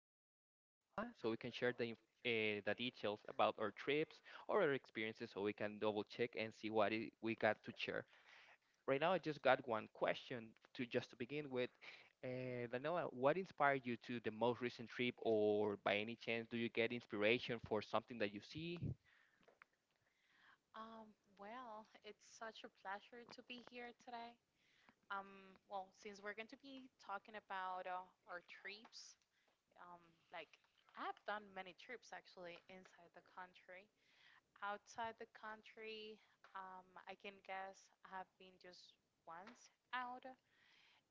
uh, Daniela, so we can share the the details about our trips or our experiences, so we can double check and see what I we got to share. Right now, I just got one question to just to begin with. Daniela, what inspired you to the most recent trip, or by any chance, do you get inspiration for something that you see? It's such a pleasure to be here today. Since we're going to be talking about our trips, um, like I've done many trips actually inside the country. Outside the country, I can guess I have been just once out.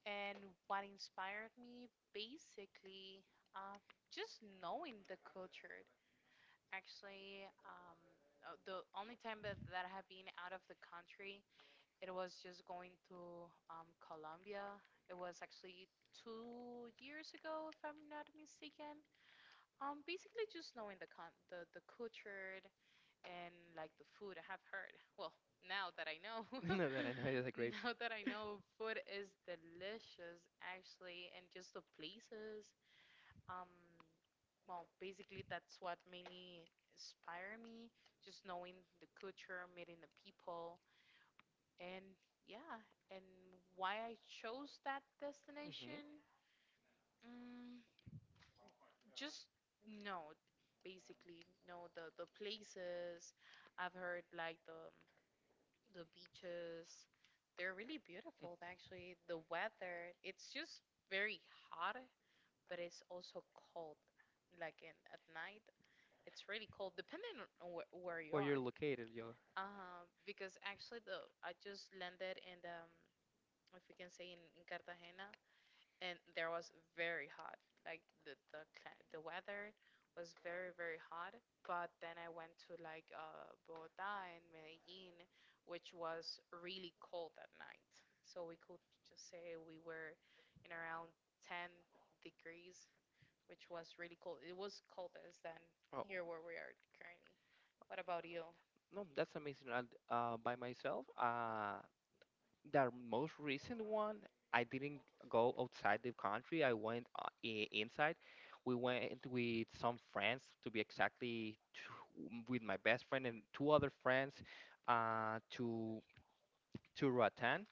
And what inspired me basically, uh, just knowing the culture. Actually, the only time that I have been out of the country, it was just going to Colombia. It was actually 2 years ago, if I'm not mistaken. Basically just knowing the culture and like the food, I have heard. Well, now that I know, No, that I know, is a great. now that I know, food is delicious actually, and just the places. Um, well, basically that's what mainly inspired me. Just knowing the culture, meeting the people and yeah, and why I chose that Mm-hmm. destination? Mm, just no, basically no. The places I've heard, like the beaches, they're really beautiful. Actually, the weather it's just very hot, but it's also cold. Like in at night, it's really cold, depending on where you Where you're are. located, yo. Because actually the I just landed in the, if we can say in Cartagena, and there was very hot. Like the weather was very hot. But then I went to like Bogota and Medellin, which was really cold at night. So we could just say we were in around 10 degrees, which was really cold. It was coldest than Oh, here where we are currently. What about you? no, that's amazing. And by myself, the most recent one, I didn't go outside the country. I went inside. We went with some friends, to be exactly, two, with my best friend and two other friends, uh, to to Roatan,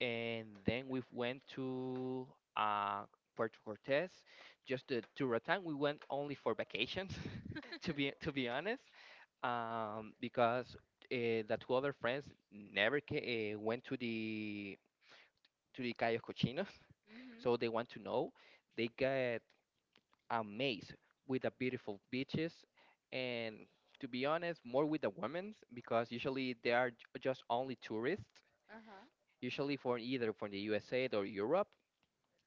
and then we went to uh, Puerto Cortes. To Roatan, we went only for vacations, to be honest, because the two other friends never went to the guy Cochinos, Mm-hmm. so they want to know. They get amazed with the beautiful beaches, and to be honest, more with the women's because usually they are just only tourists, Uh-huh. usually for either from the USA or Europe.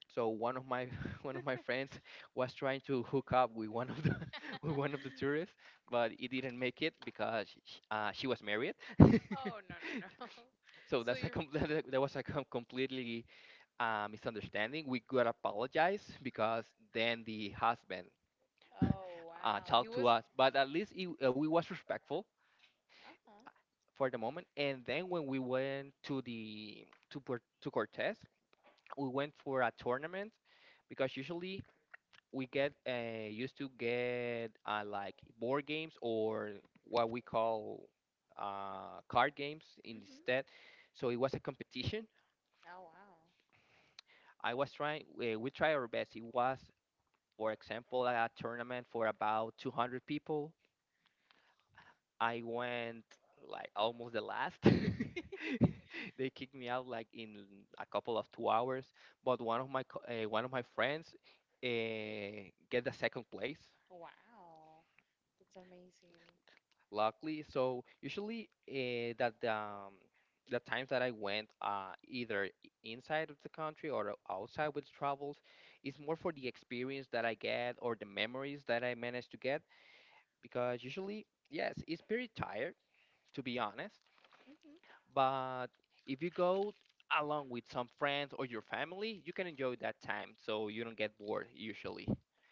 So one of my one of my friends was trying to hook up with one of the with one of the tourists, but it didn't make it because sh she was married. Oh, no, no, no. So So that's a you. com- that that was a completely misunderstanding, we could apologize because then the husband Oh, wow. He talked to was. Uh-huh. us. But at least we was respectful for the moment. And then when we went to the to Port- to Cortez, we went for a tournament because usually we get used to get like board games or what we call card games instead. Hmm. So it was a competition. Oh, wow. I was trying. We tried our best. It was, for example, a tournament for about 200 people. I went like almost the last. They kicked me out like in a couple of 2 hours. But one of one of my friends uh, get the second place, Wow. That's amazing. luckily. So usually that the times that I went inside of the country or outside with travels, it's more for the experience that I get or the memories that I managed to get because usually, yes, it's pretty tired, to be honest. Mhm. But if you go along with some friends or your family, you can enjoy that time, so you don't get bored usually.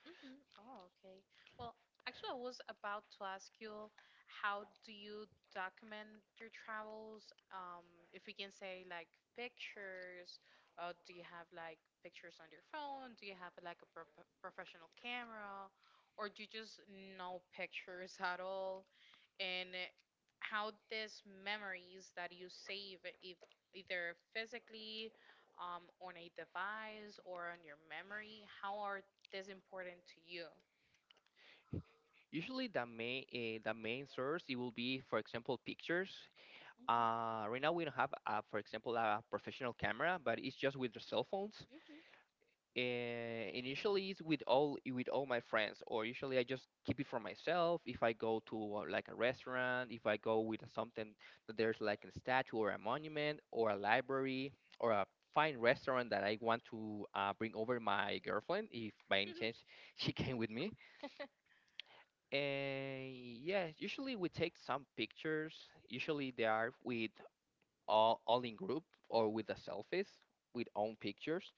Hmm. Oh, okay. Well, actually, I was about to ask you, how do you document your travels? If we can say, like pictures, or do you have like pictures on your phone? Do you have like a pro professional camera, or do you just no pictures at all? And how these memories that you save, if either physically, on a device or on your memory, how are, that's important to you. Usually, the main source it will be, for example, pictures. Mhm. Right now we don't have, for example, a professional camera, but it's just with the cell phones. Mhm. And initially it's with all my friends, or usually I just keep it for myself if I go to like a restaurant, if I go with something that there's like a statue or a monument or a library or a fine restaurant that I want to bring over my girlfriend if by any chance she came with me. And yeah, usually we take some pictures. Usually they are with all in group or with the selfies, with own pictures.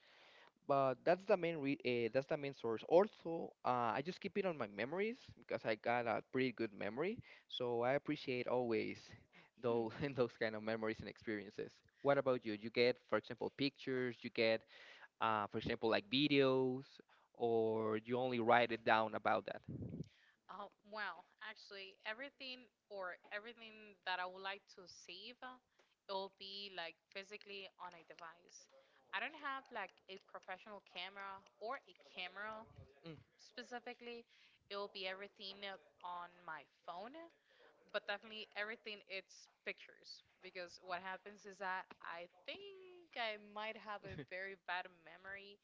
But that's that's the main source. Also, I just keep it on my memories because I got a pretty good memory, so I appreciate always those those kind of memories and experiences. What about you? You get, for example, pictures. You get, for example, like videos, or you only write it down about that. Actually, everything that I would like to save, it will be like physically on a device. I don't have like a professional camera or a camera specifically. It will be everything on my phone, but definitely everything it's pictures because what happens is that I think I might have a very bad memory,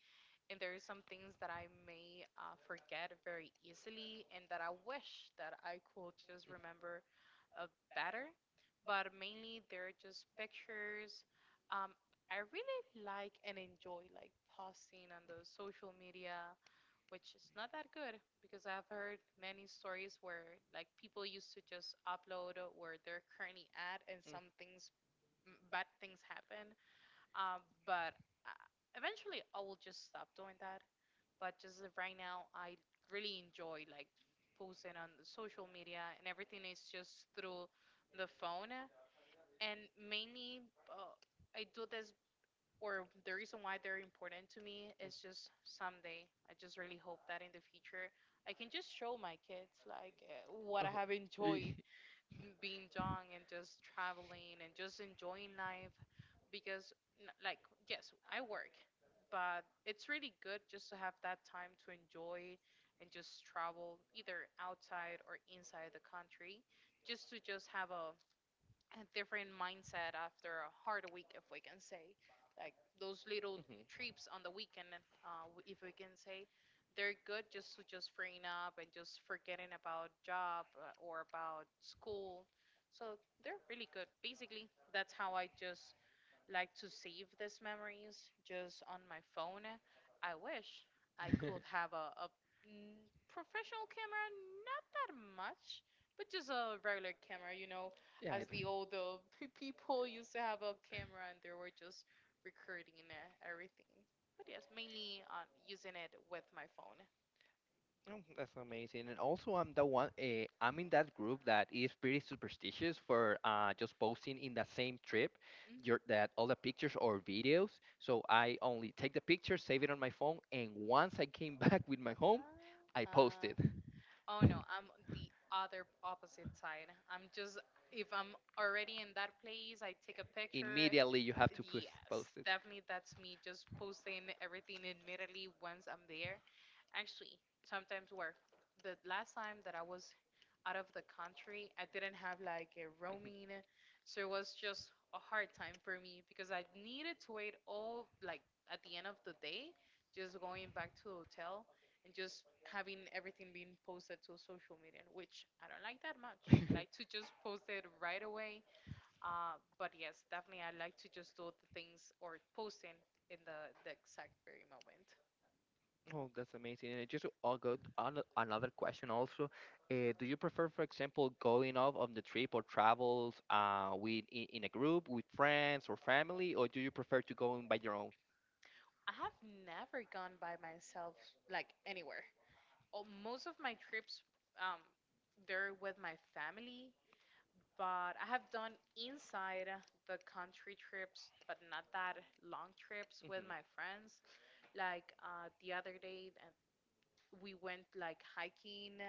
and there are some things that I may forget very easily, and that I wish that I could just remember uh, better. But mainly they're just pictures. um, I really like and enjoy like posting on the social media, which is not that good because Mm. I've heard many stories where like people used to just upload where they're currently at, and some things m- bad things happen. But uh, eventually I will just stop doing that. But just of right now, I really enjoy like posting on the social media, and everything is just through the phone. And mainly I do this, or the reason why they're important to me is just someday I just really hope that in the future I can just show my kids like eh, what I have y- the enjoyed m- being young and just traveling and just enjoying life, because n- like yes, I work, but it's really good just to have that time to enjoy and just travel either outside or inside the country, just to just have a different mindset after a hard week, if we can say. Like those little trips on the weekend, w- if we can say, they're good just to just freeing up and just forgetting about job or about school. So they're really good. Basically, that's how I just like to save these memories just on my phone. I wish I could have a professional camera, not that much, but just a regular camera, you know, as the old pe- people used to have a camera and they were just recording everything. But yes, mainly on using it with my phone. Oh, that's amazing. And also, I'm the one. I'm in that group that is pretty superstitious for just posting in the same trip, your Mhm. that all the pictures or videos. So I only take the picture, save it on my phone, and once I came back with my home, I post it. Oh no, I'm the other opposite side. I'm just if I'm already in that place, I take a picture. Immediately, you have to Yes, post it. definitely that's me, just posting everything immediately once I'm there. Actually, sometimes work. The last time that I was out of the country, I didn't have like a roaming, so it was just a hard time for me because I needed to wait all like at the end of the day, just going back to the hotel and just having everything being Mhm. posted to social media, which I don't like that much. I like to just post it right away. But yes, definitely I like to just do the things or posting in the exact very moment. Oh, that's amazing. And just I'll go on another question also. Do you prefer, for example, going off on the trip or travels in a group with friends or family, or do you prefer to go in by your own? I have never gone by myself, like anywhere. Oh, most of my trips, um, they're with my family, but I have done inside the country trips, but not that long trips Hmm. with my friends. Like the other day, we went like hiking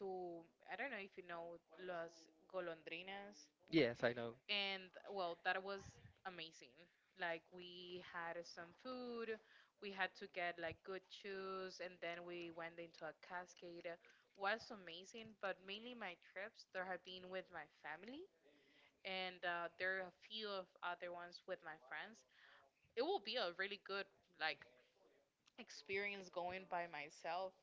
to, I don't know if you know Las Golondrinas, Yes, I know. and well that was amazing. Like we had some food, we had to get like good shoes, and then we went into a cascade. Was amazing, but mainly my trips there have been with my family, and there are a few of other ones with my friends. It will be a really good like experience going by myself.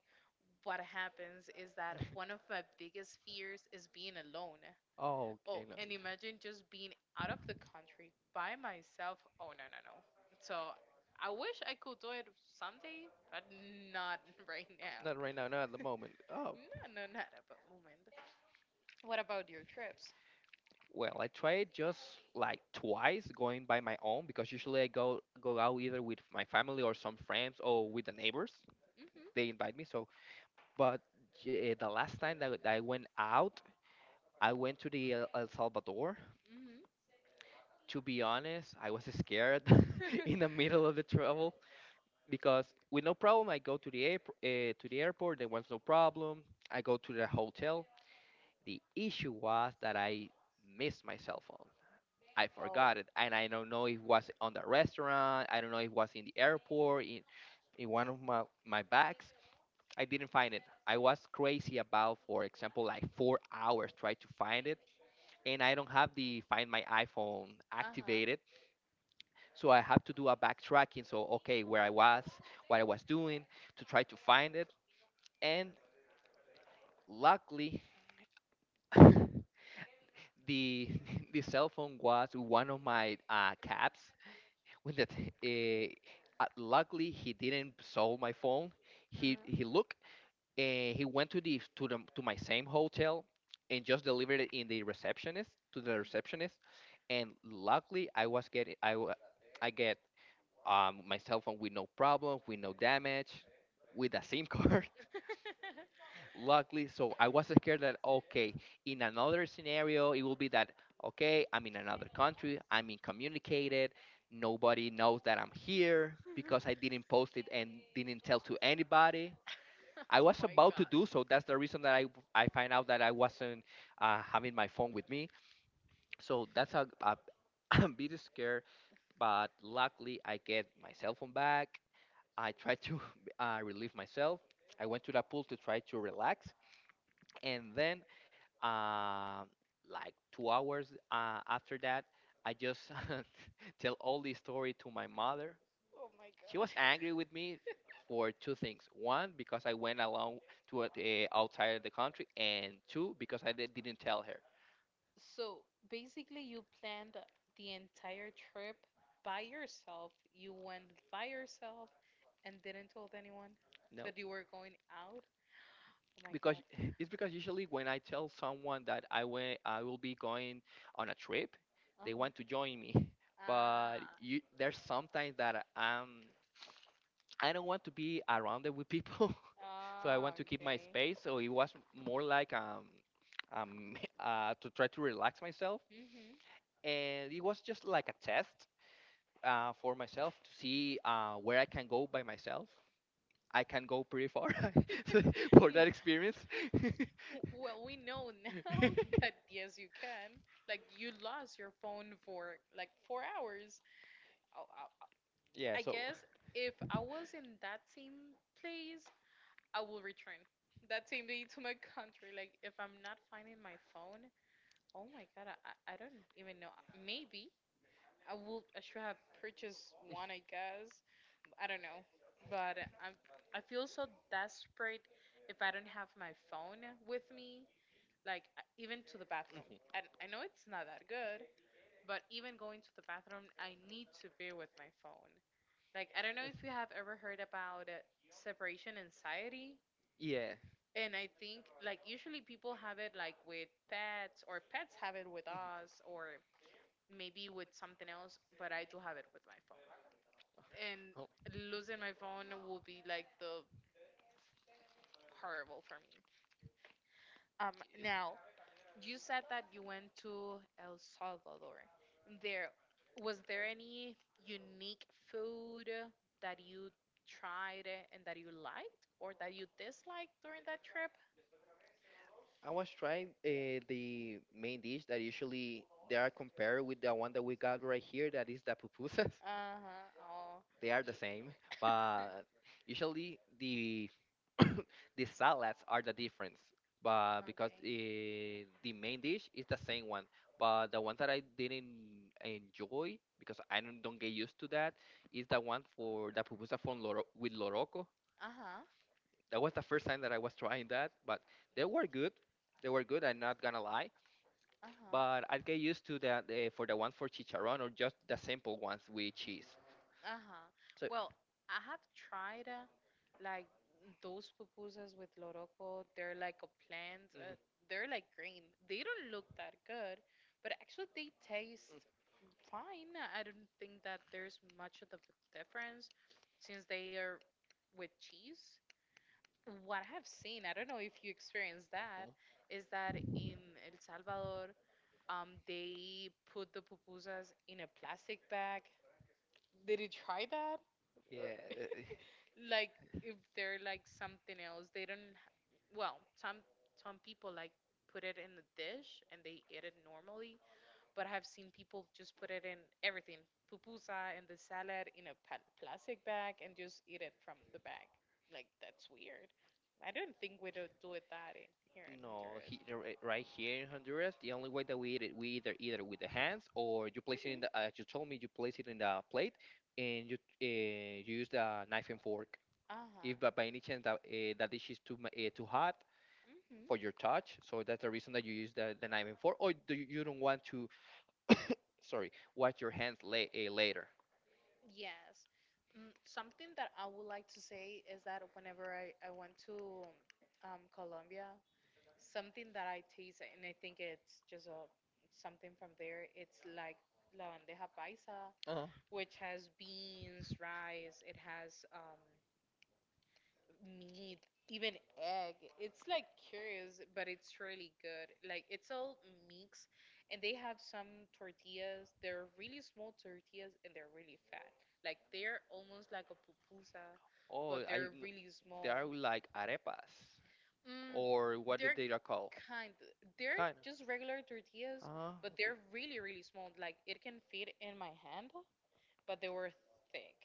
What happens is that one of my biggest fears is being alone. Oh, Oh, okay, no, and imagine just being out of the country by myself. Oh, no, no, no. So I wish I could do it someday, but not right now. not right now, not at the moment. Oh, No, no, not at the moment. What about your trips? well, I tried just like twice going by my own because usually I go out either with my family or some friends or with the neighbors. Hmm. They invite me. So, but the last time that I went out, I went to the El El Salvador. Hmm. To be honest, I was scared in the middle of the travel because with no problem I go to to the airport. There was no problem. I go to the hotel. The issue was that I missed my cell phone. I Oh. forgot it, and I don't know if it was on the restaurant. I don't know if it was in the airport, in one of my bags. I didn't find it. I was crazy about, for example, like 4 hours trying to find it, and I don't have the Find My iPhone Uh huh. activated, so I have to do a backtracking. So okay, where I was, what I was doing, to try to find it, and luckily. The, the cell phone was one of my caps when that luckily he didn't sell my phone. He Uh he looked, and he went to my same hotel and just delivered it in the receptionist to the receptionist. And luckily I was getting I wa- I get my cell phone with no problem, with no damage, with a sim huh. card, luckily. So I was scared that okay, in another scenario it will be that okay, I'm in another country, I'm incommunicated, nobody knows that I'm here because I didn't post it, and didn't tell to anybody. I oh was my about to god. do so, that's the reason that I find out that I wasn't having my phone with me. So that's a I'm bit scared, but luckily I get my cell phone back. I try to relieve myself. I went to the pool to try to relax, and then uh, like 2 hours after that, I just tell all the story to my mother. Oh my She god. was angry with me for two things: one, because I went along to outside of the country, and two, because didn't tell her. So basically, you planned the entire trip by yourself. You went by yourself and didn't tell anyone No, that you were going out. Oh my because god. it's because usually when I tell someone that I went, I will be going on a trip, they Uh-huh. want to join me. But Ah. you, there's sometimes that I don't want to be around it with people, so I want Ah, to keep my okay. space. So it was more like to try to relax myself, and it was just like a test for myself to see where I can go by myself. I can go pretty far so- for that experience. Well, we know now that yes, you can. Like, you lost your phone for like 4 hours. I, I, Yeah. I So. guess if I was in that same place, I will return that same day to my country. Like, if I'm not finding my phone, oh my God, I don't even know. Maybe I will, I should have purchased one, I guess. I don't know. But I'm, I feel so desperate if I don't have my phone with me, like even to the bathroom. Mhm. And I know it's not that good, but even going to the bathroom, I need to be with my phone. Like I don't know if you have ever heard about separation anxiety. Yeah. And I think like usually people have it like with pets, or pets have it with us, or maybe with something else, but I do have it with my phone. And Oh, losing my phone will be like the horrible for me. Now, you said that you went to El Salvador. There, was there any unique food that you tried and that you liked or that you disliked during that trip? I was trying the main dish that usually they are compared with the one that we got right here. That is the pupusas. Uh-huh. Oh. They are the same, y- but usually the salads are the difference. But because okay. The main dish is the same one, but the one that I didn't enjoy because I don't get used to that is the one for the pupusa from with loroco. Uh-huh. That was the first time that I was trying that, but they were good. They were good. I'm not gonna lie, Uh-huh. but I'll get used to that for the one for chicharron or just the simple ones with cheese. Uh-huh. So, Well, I have tried like those pupusas with loroco. They're like a plant. mhm. Mm. They're like green. They don't look that good, but actually they taste fine. I don't think that there's much of a difference since they are with cheese. What I have seen, I don't know if you experienced that, Uh-huh. is that in El Salvador, they put the pupusas in a plastic bag. Did you try that? Or Yeah, uh, like if they're like something else, they don't. Well, some people like put it in a dish and they eat it normally, but I have seen people just put it in everything, pupusa and the salad in a pl- plastic bag and just eat it from the bag. Like that's weird. I don't think we don't do it that in here in no, Honduras. Right here in Honduras, the only way that we eat it, we either with the hands or you place it in Mhm. the. As you told me, you place it in the plate and you uh, you use the knife and fork. Uh huh. If by any chance that that dish is too too hot, for your touch. So that's the reason that you use the Mhm. knife and fork, or do you, you don't want to, sorry, wash your hands later? Yes. Mm, something that I would like to say is that whenever I went to Colombia, something that I taste, and I think it's just a, something from there, it's like la bandeja paisa, Uh-huh. which has beans, rice, it has meat, even egg. It's like curious, but it's really good. Like it's all mixed, and they have some tortillas. They're really small tortillas, and they're really fat. Like they're almost like a pupusa, Oh, but I. they're really They are small. like arepas, Mm, or what did they're they are called? kind. They're just regular tortillas, Ah, but they're really small. Like it can fit in my hand, but they were thick.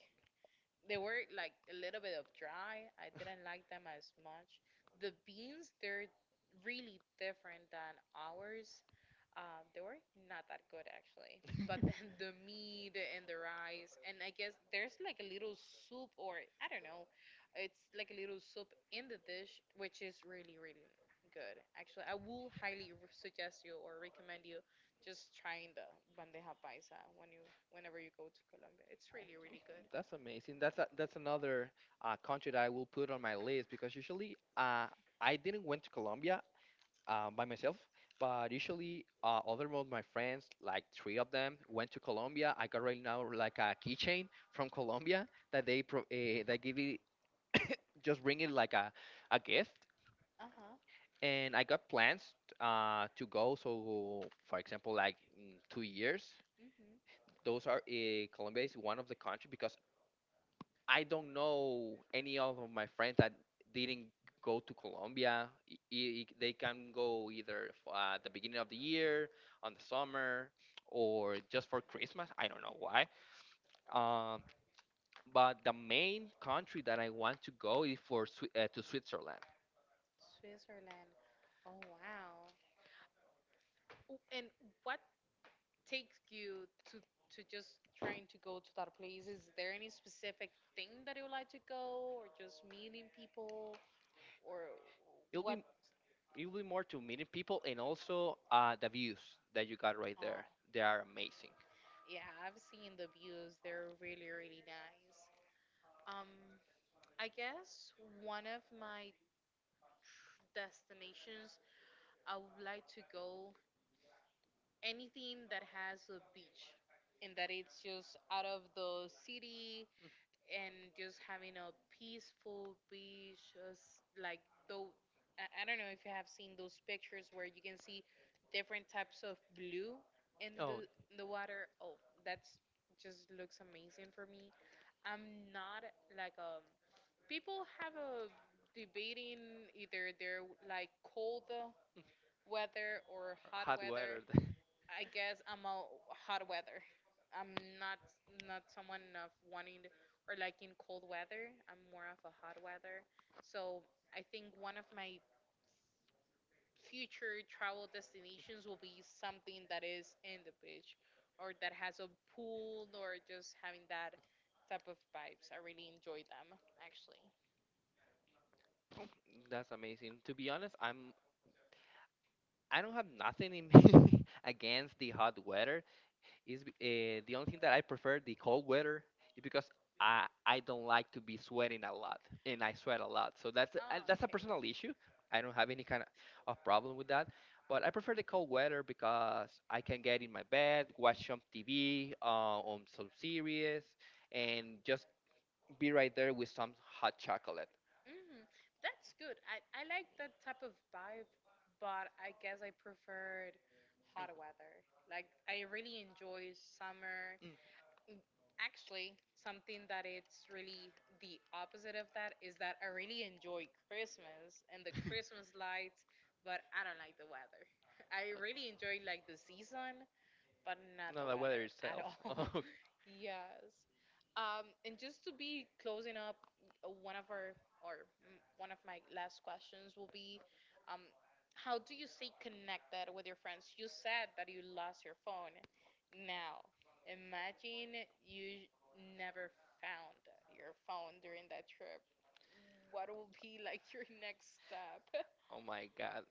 They were like a little bit of dry. I didn't like them as much. The beans, they're really different than ours. They were not that good actually. But then the meat and the rice, and I guess there's like a little soup, or I don't know, it's like a little soup in the dish, which is really, really good. Actually, I will highly suggest you or recommend you just trying the bandeja paisa whenever you go to Colombia. It's really, Okay, really good. that's amazing. That's a, that's another country that I will put on my list because usually, I didn't went to Colombia by myself, but usually, other of my friends, like three of them, went to Colombia. I got right now like a keychain from Colombia that that give it just bring it like a gift. Uh-huh. And I got plans to go. So, for example, like in 2 years, Hmm. those are Colombia is one of the country because I don't know any of my friends that didn't go to Colombia. They can go either the beginning of the year, on the summer, or just for Christmas. I don't know why. Um, but the main country that I want to go is to Switzerland. Switzerland. Oh wow. Oh, and what takes you to just trying to go to that place? Is there any specific thing that you like to go or just meeting people or It'll what? be it'll be more to meeting people and also the views that you got right Oh, there. They are amazing. yeah, I've seen the views. They're really, really nice. Um, I guess one of my destinations I would like to go anything that has a beach and that it's just out of the city and just having a peaceful beach just like though I don't know if you have seen those pictures where you can see different types of blue Mm. Oh, in the water. Oh, that's just looks amazing for me. I'm not like people have a debating either they're like cold mm. weather or hot Hot weather. weather. I guess I'm a hot weather. I'm not someone of wanting or liking cold weather. I'm more of a hot weather. So I think one of my future travel destinations will be something that is in the beach or that has a pool or just having that type of vibes. I really enjoy them actually. Oh, that's amazing. To be honest, I don't have nothing in me against the hot weather. Is the only thing that I prefer the cold weather is because I don't like to be sweating a lot and I sweat a lot. So Oh, that's a okay. personal issue. I don't have any kind of problem with that. But I prefer the cold weather because I can get in my bed, watch some TV, on some series, and just be right there with some hot chocolate. Hmm. That's good. I like that type of vibe, but I guess I preferred hot weather. Like I really enjoy summer. Mm, mm. Mm. Actually, something that it's really the opposite of that is that I really enjoy Christmas and the Christmas lights, but I don't like the weather. I really enjoy like the season, but not No, the the weather weather at itself. all. Oh, Yes. And just to be closing up, one of our or one of my last questions will be, um, how do you stay connected with your friends? You said that you lost your phone. Now, imagine you never found your phone during that trip. What will be like your next step? oh my God.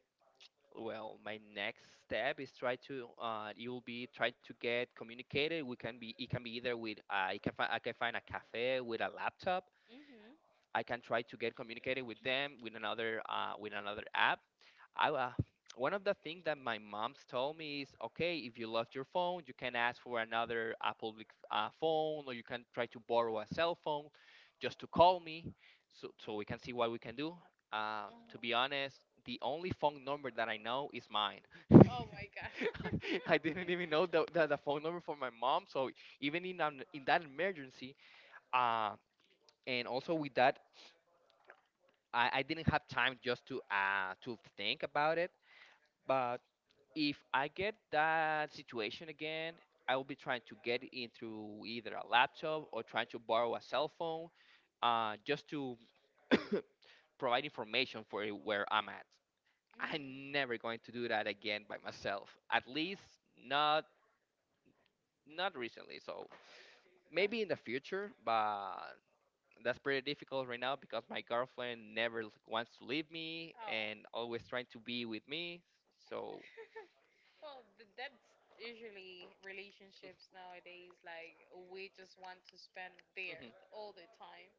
Well, my next step is try to. You will be trying to get communicated. We can be. It can be either with. I can find. I can find a cafe with a laptop. Hmm. I can try to get communicated with them with another. With another app. I One of the things that my mom's told me is okay, if you lost your phone you can ask for another Apple like, phone, or you can try to borrow a cell phone just to call me so we can see what we can do. To be Hmm. honest, the only phone number that I know is mine. Oh my god. I didn't even know the phone number for my mom. So even in that emergency, uh, and also with that, I didn't have time just to think about it. But if I get that situation again, I will be trying to get into either a laptop or trying to borrow a cell phone just to provide information for where I'm at. Mhm. I'm never going to do that again by myself. At least not not recently. So maybe in the future, but that's pretty difficult right now because my girlfriend never l- wants to leave me Oh. and always trying to be with me. So Well, that's usually relationships nowadays. Like, we just want to spend there mm-hmm. all the time.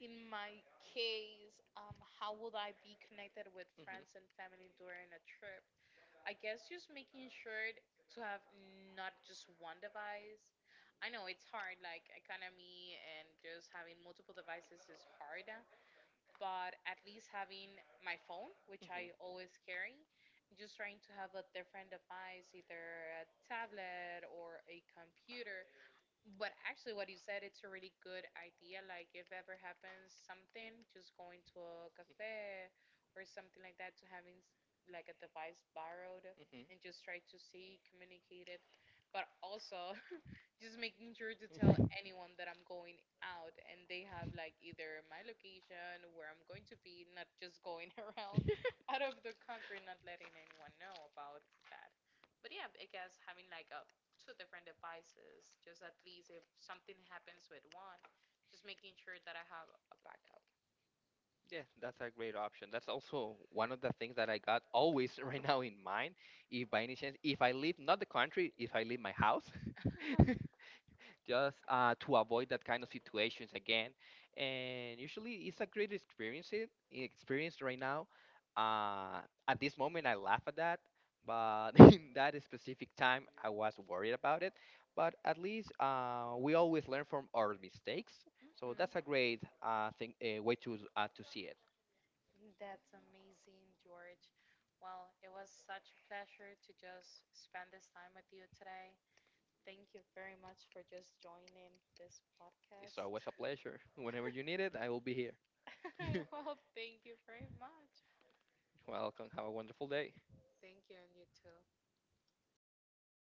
In my case, how would I be connected with Hmm hmm friends and hmm. family during a trip? I guess just making sure to have not just one device. I know it's hard, like economy and just having multiple devices is hard, but at least having my phone, which I always carry, just trying to have a different device, either a tablet or a computer, but actually, what you said, it's a really good idea. Like, if ever happens something, just going to a cafe or something like that to having like a device borrowed and just try to see, communicate it. But also, just making sure to tell anyone that I'm going out and they have like either my location, where I'm going to be, not just going around out of the country, not letting anyone know about that. But yeah, I guess having like a two different devices, just at least if something happens with one, just making sure that I have a backup. Yeah, that's a great option. That's also one of the things that I got always right now in mind. If by any chance, if I leave not the country, if I leave my house, just to avoid that kind of situations again. And usually, it's a great experience. It experience right now. Uh, at this moment, I laugh at that, but in that specific time, I was worried about it. But at least we always learn from our mistakes, so Mhm. that's a great thing, way to see it. That's amazing, George. Well, it was such a pleasure to just spend this time with you today. Thank you very much for just joining this It's podcast. always a pleasure. Whenever you need it, I will be here. Well, thank you very much. Welcome. Have a wonderful day. Thank you, and you too.